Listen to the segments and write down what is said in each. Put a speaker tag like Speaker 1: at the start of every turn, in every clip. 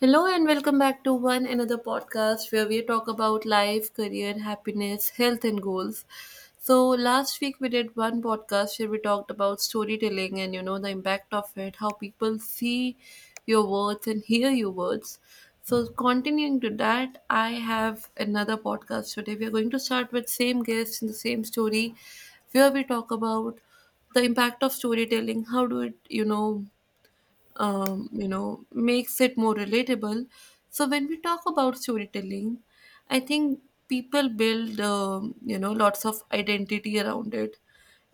Speaker 1: Hello and welcome back to one another podcast where we talk about life, career, happiness, health, and goals. So, last week we did one podcast where we talked about storytelling and the impact of it, how people see your words and hear your words. So, continuing to that, I have another podcast today. We are going to start with same guests and the same story where we talk about the impact of storytelling how do it. Makes it more relatable. So when we talk about storytelling, I think people build, lots of identity around it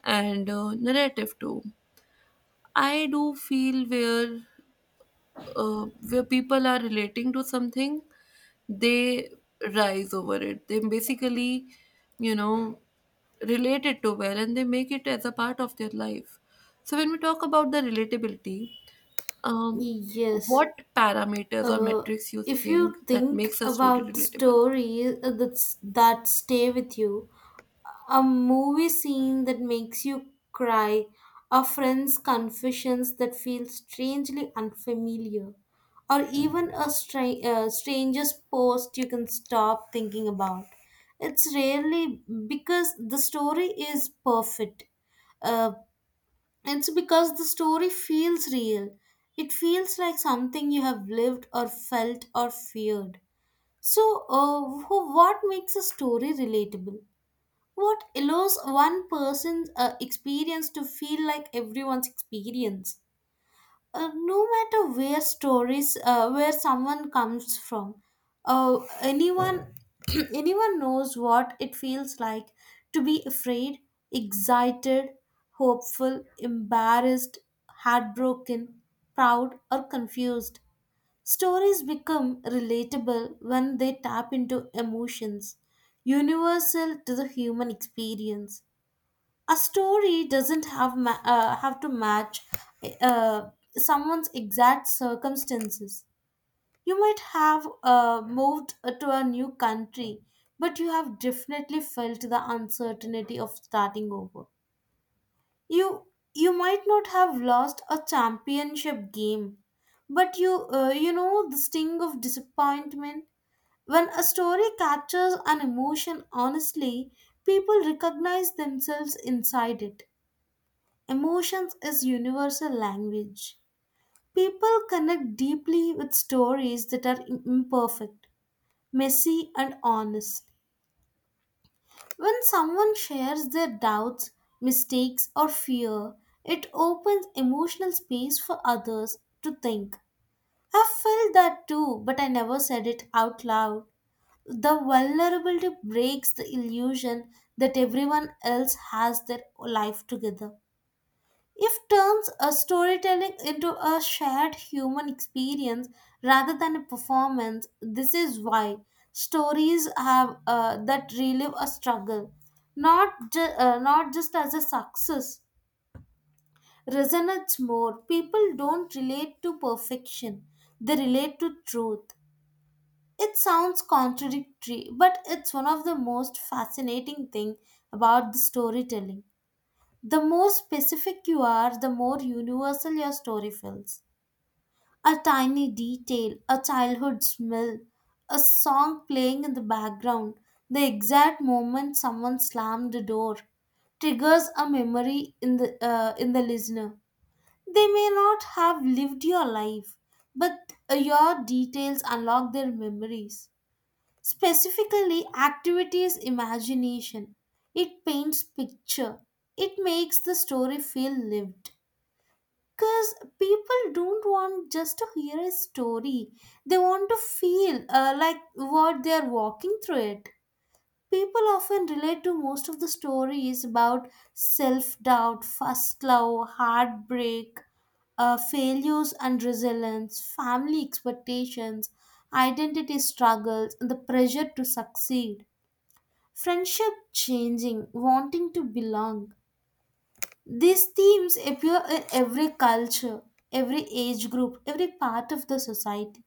Speaker 1: and narrative too. I do feel where people are relating to something, they rise over it. They basically, you know, relate it to well and they make it as a part of their life. So when we talk about the relatability, um,
Speaker 2: Yes.
Speaker 1: what parameters or
Speaker 2: Uh,
Speaker 1: metrics you
Speaker 2: if
Speaker 1: think
Speaker 2: you
Speaker 1: that
Speaker 2: think
Speaker 1: makes a story
Speaker 2: about the
Speaker 1: relatable?
Speaker 2: stories that stay with you, a movie scene that makes you cry, a friend's confessions that feel strangely unfamiliar, or even a stranger's post you can stop thinking about. It's rarely because the story is perfect. Uh, it's because the story feels real. It feels like something you have lived or felt or feared. So, what makes a story relatable? What allows one person's experience to feel like everyone's experience? No matter where stories where someone comes from, anyone anyone knows what it feels like to be afraid, excited, hopeful, embarrassed, heartbroken, proud, or confused. Stories become relatable when they tap into emotions universal to the human experience. A story doesn't have have to match uh, someone's exact circumstances. You might have moved to a new country, but you have definitely felt the uncertainty of starting over. You you might not have lost a championship game, but you know the sting of disappointment. When a story captures an emotion honestly, people recognize themselves inside it. Emotions is universal language. People connect deeply with stories that are imperfect, messy, and honest. When someone shares their doubts, mistakes, or fear, it opens emotional space for others to think. I felt that too, but I never said it out loud. The vulnerability breaks the illusion that everyone else has their life together. If turns a storytelling into a shared human experience rather than a performance, this is why stories have that relive a struggle, not not just as a success. Resonates more. People don't relate to perfection; they relate to truth. It sounds contradictory, but it's one of the most fascinating thing about the storytelling. The more specific you are, the more universal your story feels. A tiny detail, a childhood smell, a song playing in the background, the exact moment someone slammed the door triggers a memory in the listener. They may not have lived your life, but your details unlock their memories. Specifically, activity's imagination. It paints picture. It makes the story feel lived. Because people don't want just to hear a story. They want to feel like what they're walking through it. People often relate to most of the stories about self doubt, first love, heartbreak, failures and resilience, family expectations, identity struggles, and the pressure to succeed, friendship changing, wanting to belong. These themes appear in every culture, every age group, every part of the society.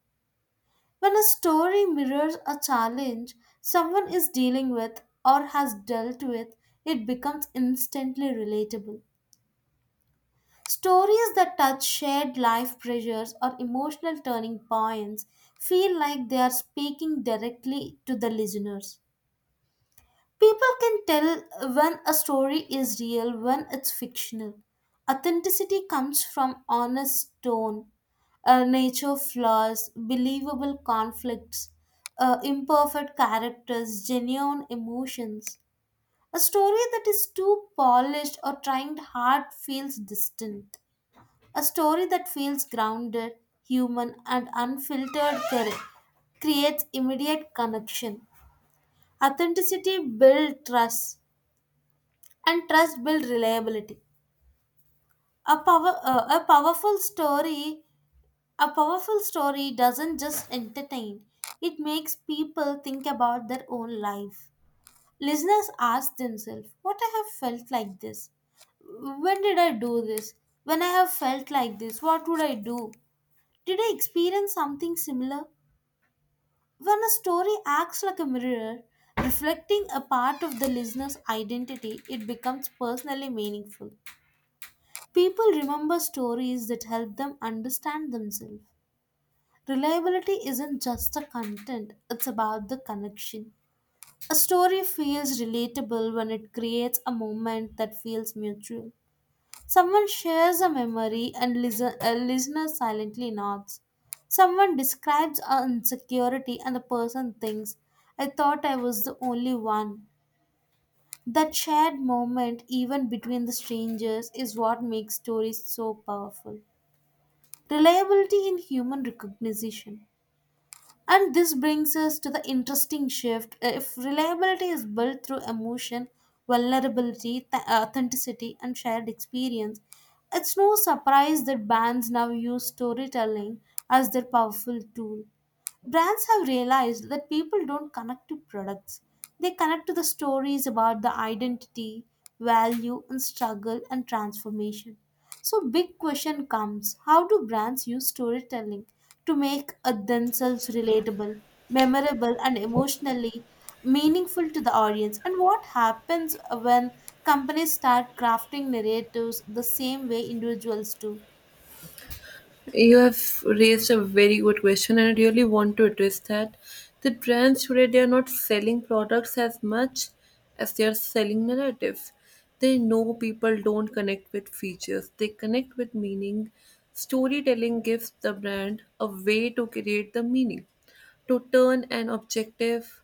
Speaker 2: When a story mirrors a challenge someone is dealing with or has dealt with, it becomes instantly relatable. Stories that touch shared life pressures or emotional turning points feel like they are speaking directly to the listeners. People can tell when a story is real, when it's fictional. Authenticity comes from honest tone, nature flaws, believable conflicts, imperfect characters, genuine emotions. A story that is too polished or trying hard feels distant. A story that feels grounded, human, and unfiltered creates immediate connection. Authenticity builds trust and trust build reliability. A powerful story a powerful story doesn't just entertain, it makes people think about their own life. Listeners ask themselves what I have felt like this, when did I do this, when I have felt like this what would I do, did I experience something similar. When a story acts like a mirror reflecting a part of the listener's identity, it becomes personally meaningful. People remember stories that help them understand themselves. Reliability isn't just the content, it's about the connection. A story feels relatable when it creates a moment that feels mutual. Someone shares a memory and listen, a listener silently nods. Someone describes an insecurity and the person thinks, I thought I was the only one. That shared moment, even between the strangers, is what makes stories so powerful. Reliability in human recognition. And this brings us to the interesting shift. If reliability is built through emotion, vulnerability, authenticity, and shared experience, it's no surprise that bands now use storytelling as their powerful tool. Brands have realized that people don't connect to products, they connect to the stories about the identity, value, and struggle and transformation. So big question comes, how do brands use storytelling to make themselves relatable, memorable and emotionally meaningful to the audience? And what happens when companies start crafting narratives the same way individuals do?
Speaker 1: You have raised a very good question, and I really want to address that. The brands today they are not selling products as much as they are selling narratives. They know people don't connect with features; they connect with meaning. Storytelling gives the brand a way to create the meaning, to turn an objective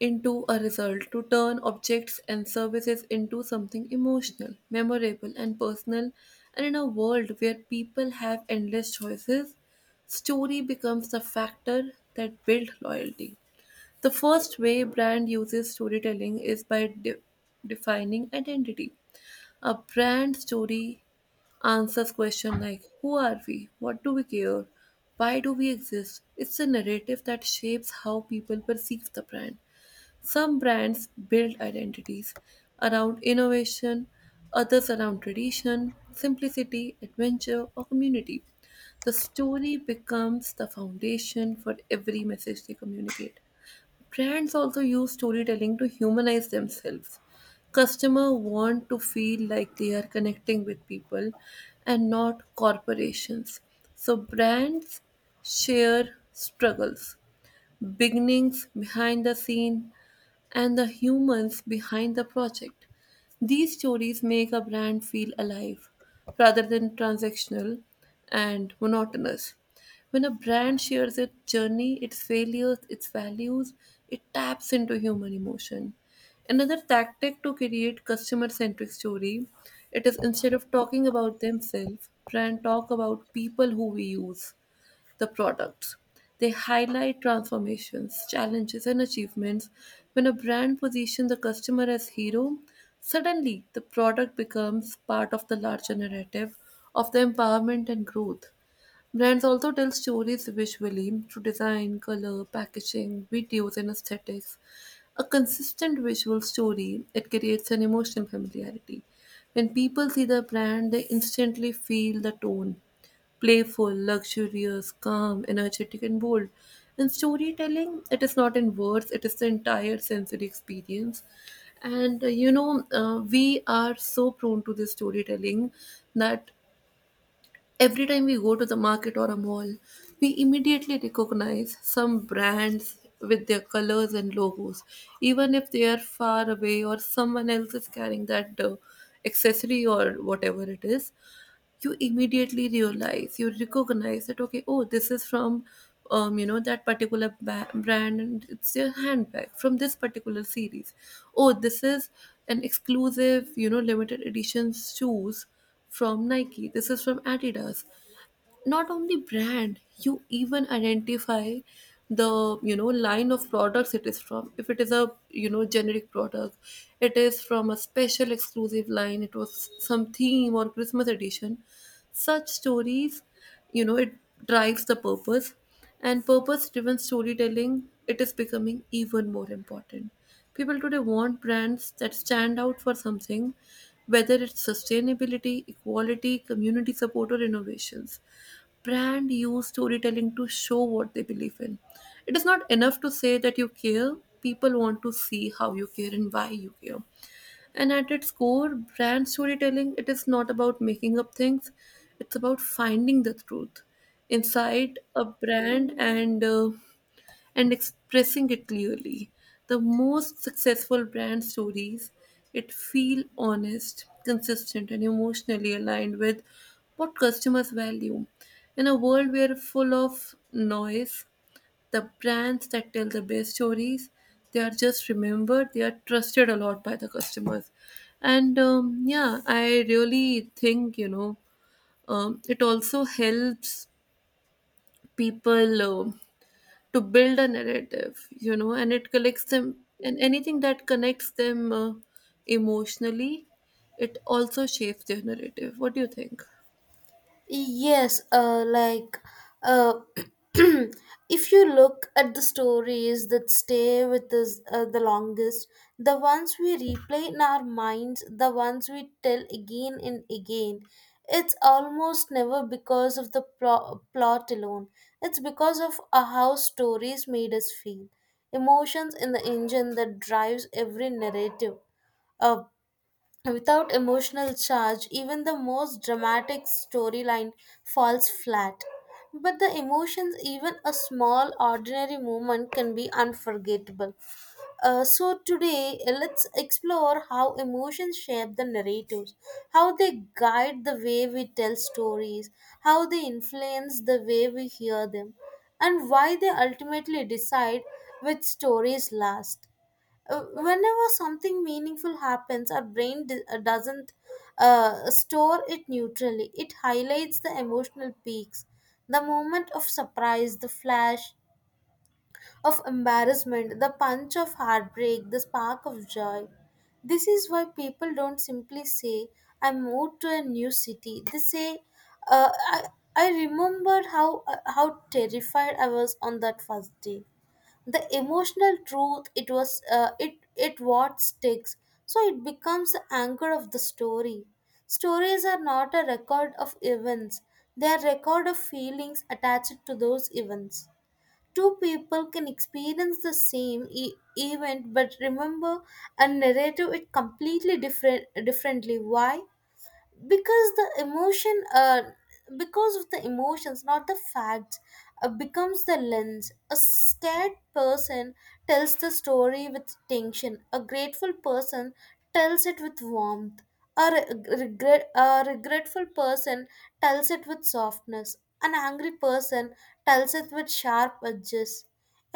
Speaker 1: into a result to turn objects and services into something emotional, memorable, and personal. And in a world where people have endless choices, story becomes the factor that builds loyalty. The first way brand uses storytelling is by defining identity. A brand story answers questions like who are we, what do we care, why do we exist. It's a narrative that shapes how people perceive the brand. Some brands build identities around innovation, others around tradition, simplicity, adventure, or community. The story becomes the foundation for every message they communicate. Brands also use storytelling to humanize themselves. Customers want to feel like they are connecting with people and not corporations. So, brands share struggles, beginnings behind the scene, and the humans behind the project. These stories make a brand feel alive rather than transactional and monotonous. When a brand shares its journey, its failures, its values, it taps into human emotion. Another tactic to create customer centric story, it is instead of talking about themselves, brand talk about people who we use the products. They highlight transformations, challenges, and achievements. When a brand positions the customer as hero, suddenly the product becomes part of the larger narrative of the empowerment and growth. Brands also tell stories visually through design, color, packaging, videos, and aesthetics. A consistent visual story, it creates an emotional familiarity. When people see the brand, they instantly feel the tone playful, luxurious, calm, energetic, and bold. In storytelling, it is not in words, it is the entire sensory experience. And we are so prone to this storytelling that every time we go to the market or a mall, we immediately recognize some brands with their colors and logos, even if they are far away or someone else is carrying that accessory or whatever it is you immediately realize you recognize that okay oh this is from you know that particular brand and it's their handbag from this particular series oh this is an exclusive you know limited edition shoes from Nike this is from Adidas not only brand you even identify the you know line of products it is from if it is a you know generic product it is from a special exclusive line it was some theme or Christmas edition such stories you know it drives the purpose and purpose driven storytelling it is becoming even more important people today want brands that stand out for something whether it's sustainability equality community support or innovations brand use storytelling to show what they believe in. It is not enough to say that you care. People want to see how you care and why you care. And at its core, brand storytelling, it is not about making up things. It's about finding the truth inside a brand and expressing it clearly. The most successful brand stories it feel honest, consistent and emotionally aligned with what customers value. In a world where full of noise, the brands that tell the best stories, they are just remembered, they are trusted a lot by the customers. And yeah, I really think, it also helps people. To build a narrative you know and it collects them and anything that connects them emotionally it also shapes their narrative what do you think
Speaker 2: Yes, like uh, if you look at the stories that stay with us the longest, the ones we replay in our minds, the ones we tell again and again, it's almost never because of the plot alone. It's because of how stories made us feel, emotions in the engine that drives every narrative. uh, Without emotional charge, even the most dramatic storyline falls flat. But the emotions, even a small ordinary moment, can be unforgettable. So, today, let's explore how emotions shape the narratives, how they guide the way we tell stories, how they influence the way we hear them, and why they ultimately decide which stories last. Whenever something meaningful happens, our brain doesn't store it neutrally. It highlights the emotional peaks, the moment of surprise, the flash of embarrassment, the punch of heartbreak, the spark of joy. This is why people don't simply say, I moved to a new city. They say, uh, I, I remembered how terrified I was on that first day. The emotional truth it what sticks, so it becomes the anchor of the story. Stories are not a record of events, they are record of feelings attached to those events. Two people can experience the same event but remember a narrative it completely different, differently. Why? Because the emotion uh, because of the emotions not the facts becomes the lens. A scared person tells the story with tension, a grateful person tells it with warmth, a regretful person tells it with softness, an angry person tells it with sharp edges.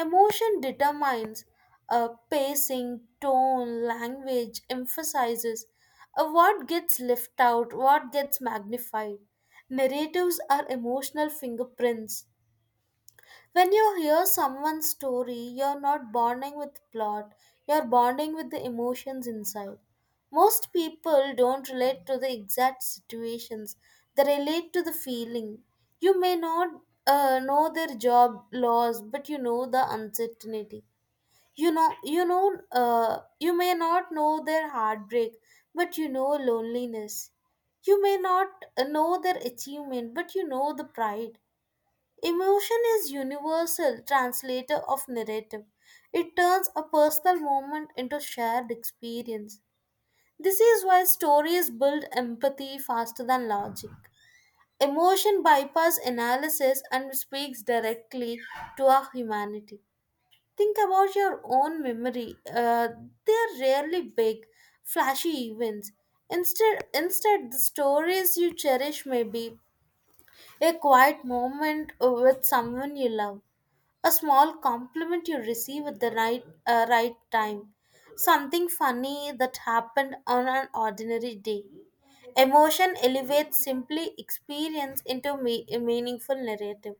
Speaker 2: Emotion determines pacing, tone, language, emphasizes, what gets left out, what gets magnified. Narratives are emotional fingerprints. When you hear someone's story, you're not bonding with plot, you're bonding with the emotions inside. Most people don't relate to the exact situations, they relate to the feeling. You may not know their job loss, but you know the uncertainty. You may not know their heartbreak, but you know loneliness. You may not know their achievement, but you know the pride. Emotion is universal translator of narrative. It turns a personal moment into shared experience. This is why stories build empathy faster than logic. Emotion bypass analysis and speaks directly to our humanity. Think about your own memory. They're rarely big, flashy events. Instead, the stories you cherish may be a quiet moment with someone you love, a small compliment you receive at the right time, something funny that happened on an ordinary day. Emotion elevates simply experience into a meaningful narrative.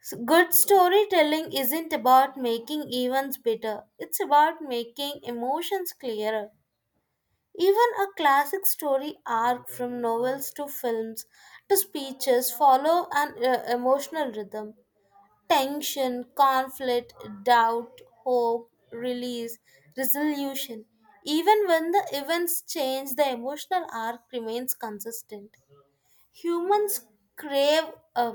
Speaker 2: So good storytelling isn't about making events better, it's about making emotions clearer. Even a classic story arc from novels to films to speeches follow an emotional rhythm: tension, conflict, doubt, hope, release, resolution. Even when the events change, the emotional arc remains consistent. Humans crave uh,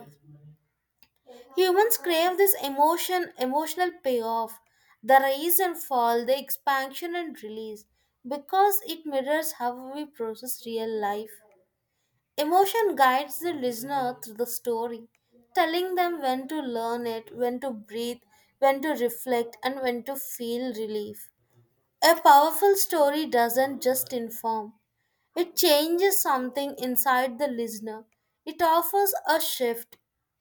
Speaker 2: Humans crave this emotional payoff, the rise and fall, the expansion and release, because it mirrors how we process real life. Emotion guides the listener through the story, telling them when to learn it, when to breathe, when to reflect, and when to feel relief. A powerful story doesn't just inform, it changes something inside the listener. It offers a shift,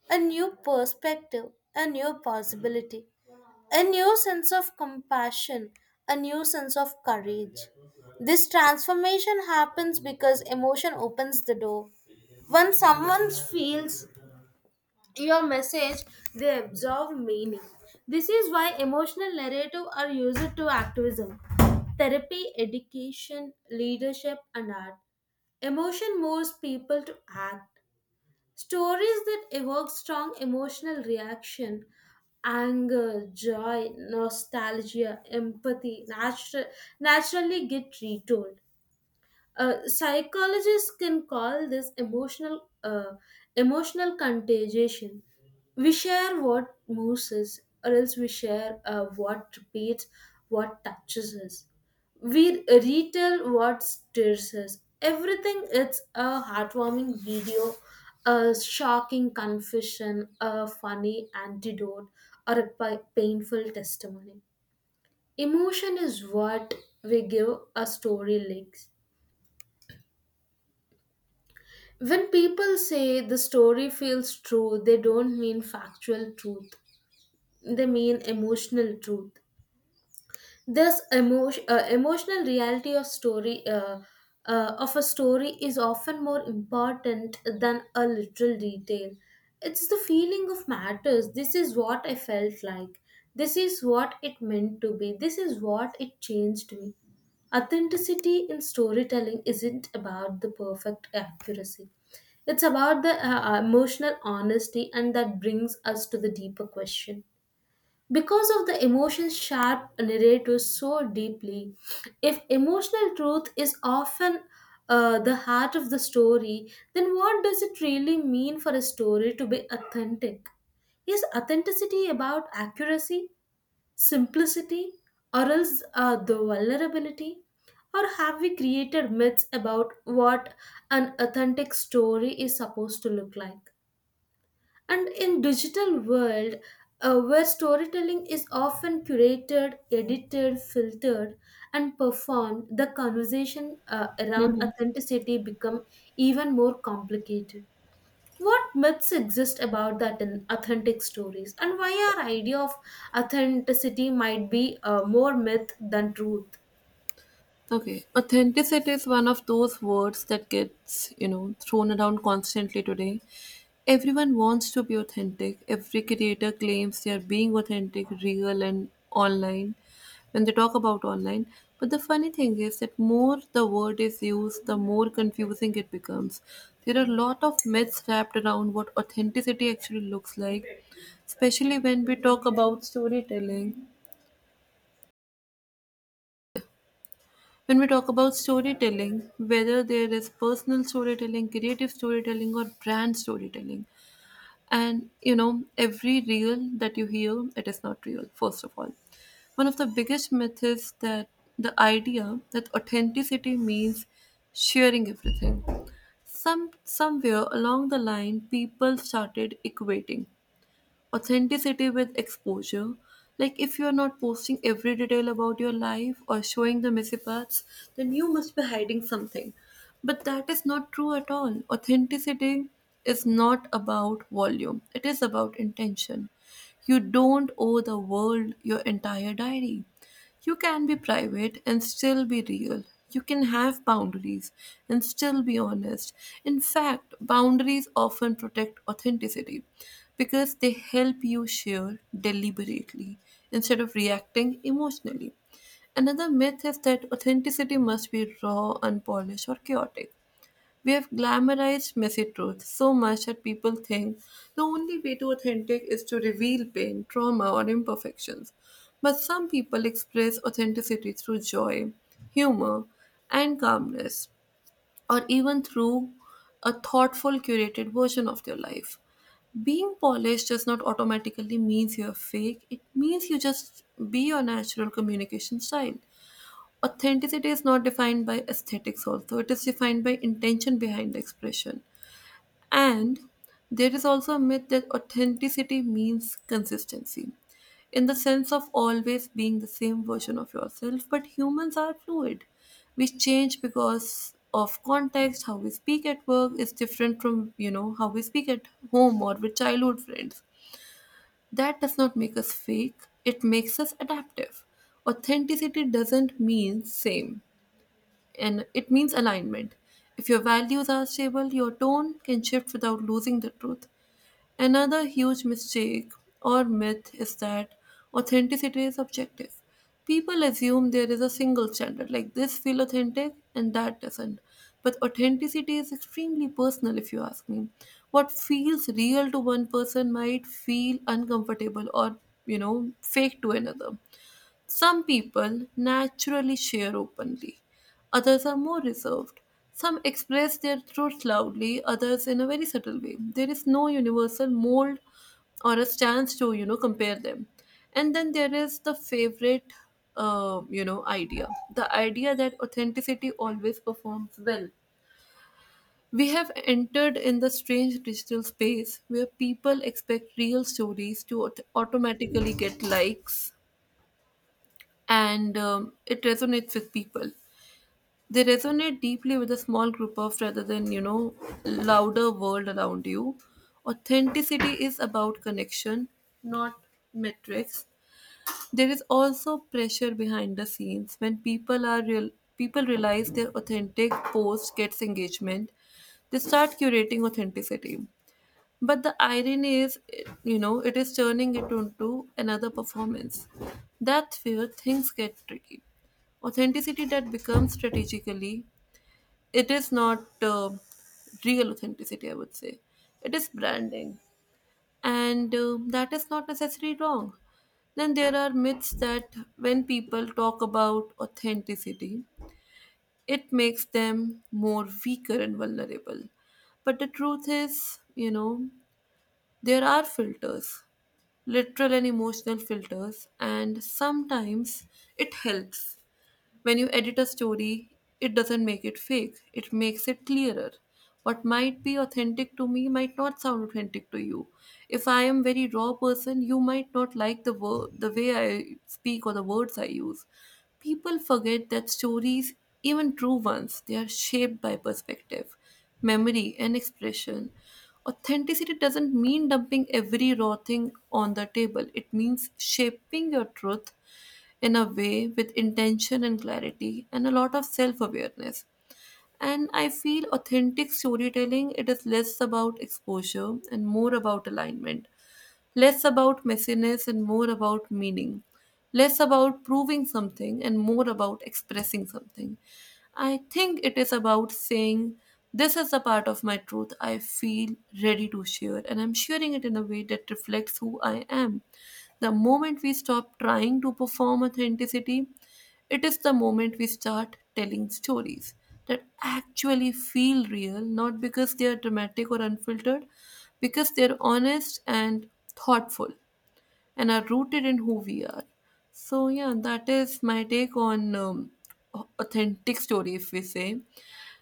Speaker 2: a new perspective, a new possibility, a new sense of compassion, a new sense of courage. This transformation happens because emotion opens the door. When someone feels your message, they absorb meaning. This is why emotional narrative are used to activism, therapy, education, leadership, and art. Emotion moves people to act. Stories that evoke strong emotional reaction, anger, joy, nostalgia, empathy, naturally get retold. Psychologists can call this emotional contagion. We share what moves us, or else we share what repeats, what touches us. We retell what stirs us. Everything it's a heartwarming video, a shocking confession, a funny antidote, or a painful testimony. Emotion is what we give a story legs. When people say the story feels true, they don't mean factual truth. They mean emotional truth. This emotional reality of story of a story is often more important than a literal detail. It's the feeling of matters. This is what I felt like, this is what it meant to be, this is what it changed me. Authenticity in storytelling isn't about the perfect accuracy, it's about the emotional honesty. And that brings us to the deeper question, because of the emotions, sharp narrators so deeply. If emotional truth is often the heart of the story, then what does it really mean for a story to be authentic? Is authenticity about accuracy, simplicity, or else the vulnerability? Or have we created myths about what an authentic story is supposed to look like? And in digital world, where storytelling is often curated, edited, filtered, and performed, the conversation around authenticity become even more complicated. What myths exist about that in authentic stories, and why our idea of authenticity might be more myth than truth?
Speaker 1: Okay, authenticity is one of those words that gets, thrown around constantly today. Everyone wants to be authentic. Every creator claims they are being authentic, real, and online when they talk about online. But the funny thing is that more the word is used, the more confusing it becomes. There are a lot of myths wrapped around what authenticity actually looks like, especially when we talk about storytelling. When we talk about storytelling, whether there is personal storytelling, creative storytelling, or brand storytelling, and every reel that you hear, it is not real, first of all. One of the biggest myths is that the idea that authenticity means sharing everything. Somewhere along the line people started equating authenticity with exposure. Like, if you're not posting every detail about your life or showing the messy parts, then you must be hiding something. But that is not true at all. Authenticity is not about volume, it is about intention. You don't owe the world your entire diary. You can be private and still be real. You can have boundaries and still be honest. In fact, boundaries often protect authenticity because they help you share deliberately instead of reacting emotionally. Another myth is that authenticity must be raw, unpolished, or chaotic. We have glamorized messy truth so much that people think the only way to authentic is to reveal pain, trauma, or imperfections. But some people express authenticity through joy, humor, and calmness, or even through a thoughtful, curated version of their life. Being polished does not automatically means you're fake, it means you just be your natural communication style. Authenticity is not defined by aesthetics, also, it is defined by intention behind the expression. And there is also a myth that authenticity means consistency in the sense of always being the same version of yourself, but humans are fluid. We change because of context, how we speak at work is different from, how we speak at home or with childhood friends. That does not make us fake, it makes us adaptive. Authenticity doesn't mean same and it means alignment. If your values are stable, your tone can shift without losing the truth. Another huge mistake or myth is that authenticity is objective. People assume there is a single standard, like this feel authentic and that doesn't. But authenticity is extremely personal, if you ask me. What feels real to one person might feel uncomfortable or, fake to another. Some people naturally share openly, others are more reserved. Some express their truth loudly, others in a very subtle way. There is no universal mold or a stance to, compare them. And then there is the favorite, idea the idea that authenticity always performs well. We have entered in the strange digital space where people expect real stories to automatically get likes, and it resonates with people. They resonate deeply with a small group of rather than, louder world around you. Authenticity is about connection, not metrics. There is also pressure behind the scenes when people are real people realize their authentic post gets engagement, they start curating authenticity. But the irony is, it is turning it into another performance. That's where things get tricky. Authenticity that becomes strategically, it is not real authenticity, I would say. It is branding. And that is not necessarily wrong. Then there are myths that when people talk about authenticity, it makes them more weaker and vulnerable. But the truth is, there are filters literal and emotional filters, and sometimes it helps. When you edit a story, it doesn't make it fake, it makes it clearer. What might be authentic to me might not sound authentic to you. If I am very raw person, you might not like the word, the way I speak or the words I use. People forget that stories, even true ones, they are shaped by perspective, memory, and expression. Authenticity doesn't mean dumping every raw thing on the table. It means shaping your truth in a way with intention and clarity and a lot of self-awareness and I feel authentic storytelling it is less about exposure and more about alignment. Less about messiness and more about meaning. Less about proving something and more about expressing something. I think it is about saying, this is the part of my truth I feel ready to share, and I'm sharing it in a way that reflects who I am. The moment we stop trying to perform authenticity it is the moment we start telling stories that actually feel real, not because they are dramatic or unfiltered, because they are honest and thoughtful and are rooted in who we are. So, yeah, that is my take on authentic story, if we say.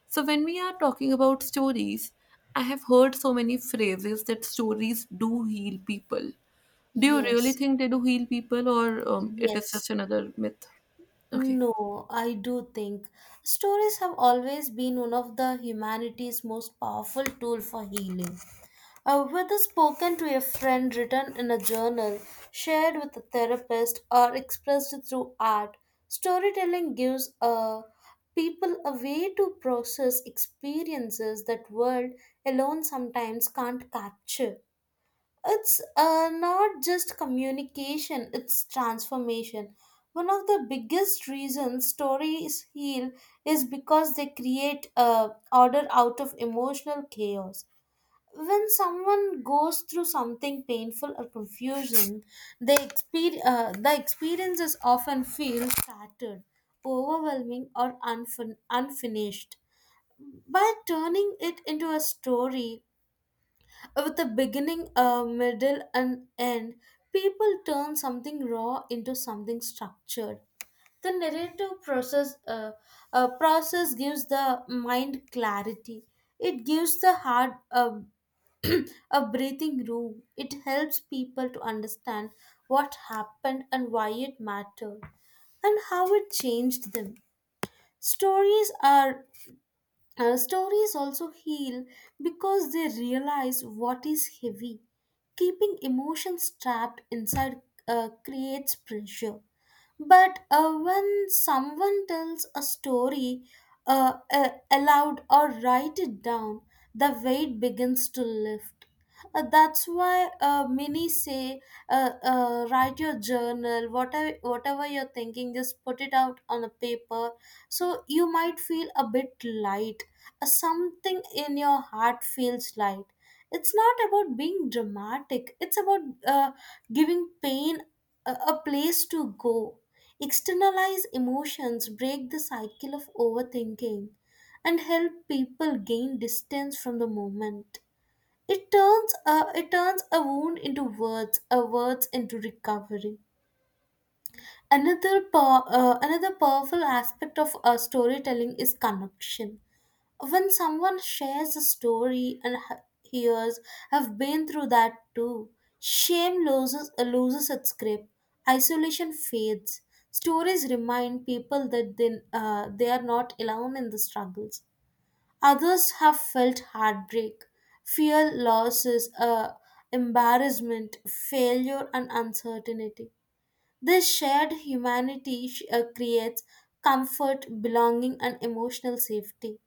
Speaker 1: So, when we are talking about stories, I have heard so many phrases that stories do heal people. Do you really
Speaker 2: Yes,
Speaker 1: think they do heal people, or it is
Speaker 2: yes.
Speaker 1: just another myth? Okay.
Speaker 2: No, I do think stories have always been one of the humanity's most powerful tool for healing. Whether spoken to a friend, written in a journal, shared with a therapist, or expressed through art, storytelling gives people a way to process experiences that word alone sometimes can't capture. It's not just communication, it's transformation. One of the biggest reasons stories heal is because they create order out of emotional chaos. When someone goes through something painful or confusing, the experiences often feel scattered, overwhelming, or unfinished. By turning it into a story, with a beginning, a middle, and end, people turn something raw into something structured. The narrative process gives the mind clarity. It gives the heart a breathing room. It helps people to understand what happened and why it mattered and how it changed them. Stories are stories also heal because they realize what is heavy. Keeping emotions trapped inside creates pressure. But when someone tells a story aloud or write it down, the weight begins to lift. That's why many say, write your journal, whatever, whatever you're thinking, just put it out on a paper, so you might feel a bit light, something in your heart feels light. It's not about being dramatic, it's about uh, giving pain a place to go, externalize emotions, break the cycle of overthinking, and help people gain distance from the moment. It turns a wound into words, a words into recovery. Another, pow- another powerful aspect of storytelling is connection. When someone shares a story and hears, "I've been through that too," shame loses its grip, isolation fades. Stories remind people that they are not alone in the struggles. Others have felt heartbreak, fear, losses, embarrassment, failure, and uncertainty. This shared humanity creates comfort, belonging, and emotional safety.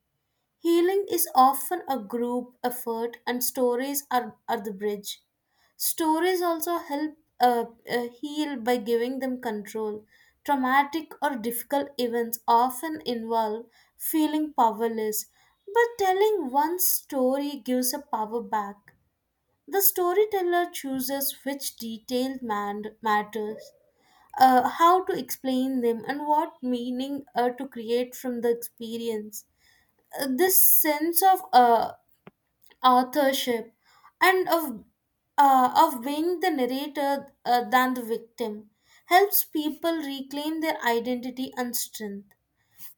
Speaker 2: Healing is often a group effort, and are the bridge. Stories also help heal by giving them control. Traumatic or difficult events often involve feeling powerless, but telling one story gives a power back. The storyteller chooses which matters, how to explain them and what meaning to create from the experience. This sense of authorship and of being the narrator than the victim helps people reclaim their identity and strength.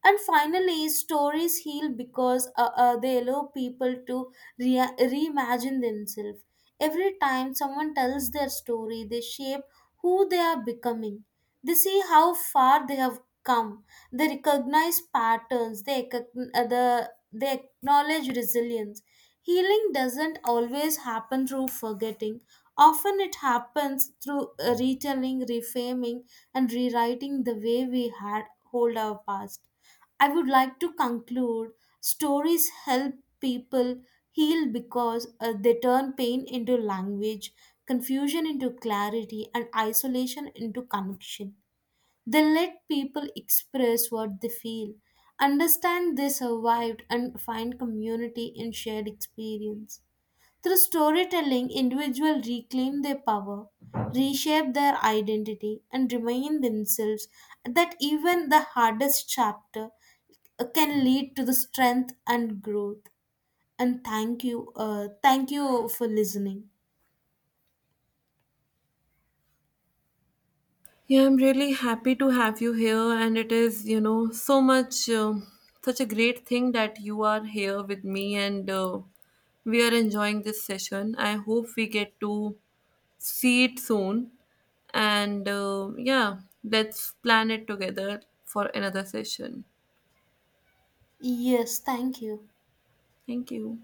Speaker 2: And finally, stories heal because they allow people to reimagine themselves. Every time someone tells their story, they shape who they are becoming. They see how far they have come. They recognize patterns. They acknowledge resilience. Healing doesn't always happen through forgetting. Often it happens through retelling, reframing, and rewriting the way we had hold our past. I would like to conclude stories help people heal because they turn pain into language, confusion into clarity, and isolation into connection. They let people express what they feel, understand they survived, and find community in shared experience. Through storytelling, individuals reclaim their power, reshape their identity, and remind themselves that even the hardest chapter can lead to the strength and growth. And thank you for listening.
Speaker 1: Yeah, I'm really happy to have you here, and it is, so much, such a great thing that you are here with me, and we are enjoying this session. I hope we get to see it soon, and yeah, let's plan it together for another session.
Speaker 2: Yes, thank you.
Speaker 1: Thank you.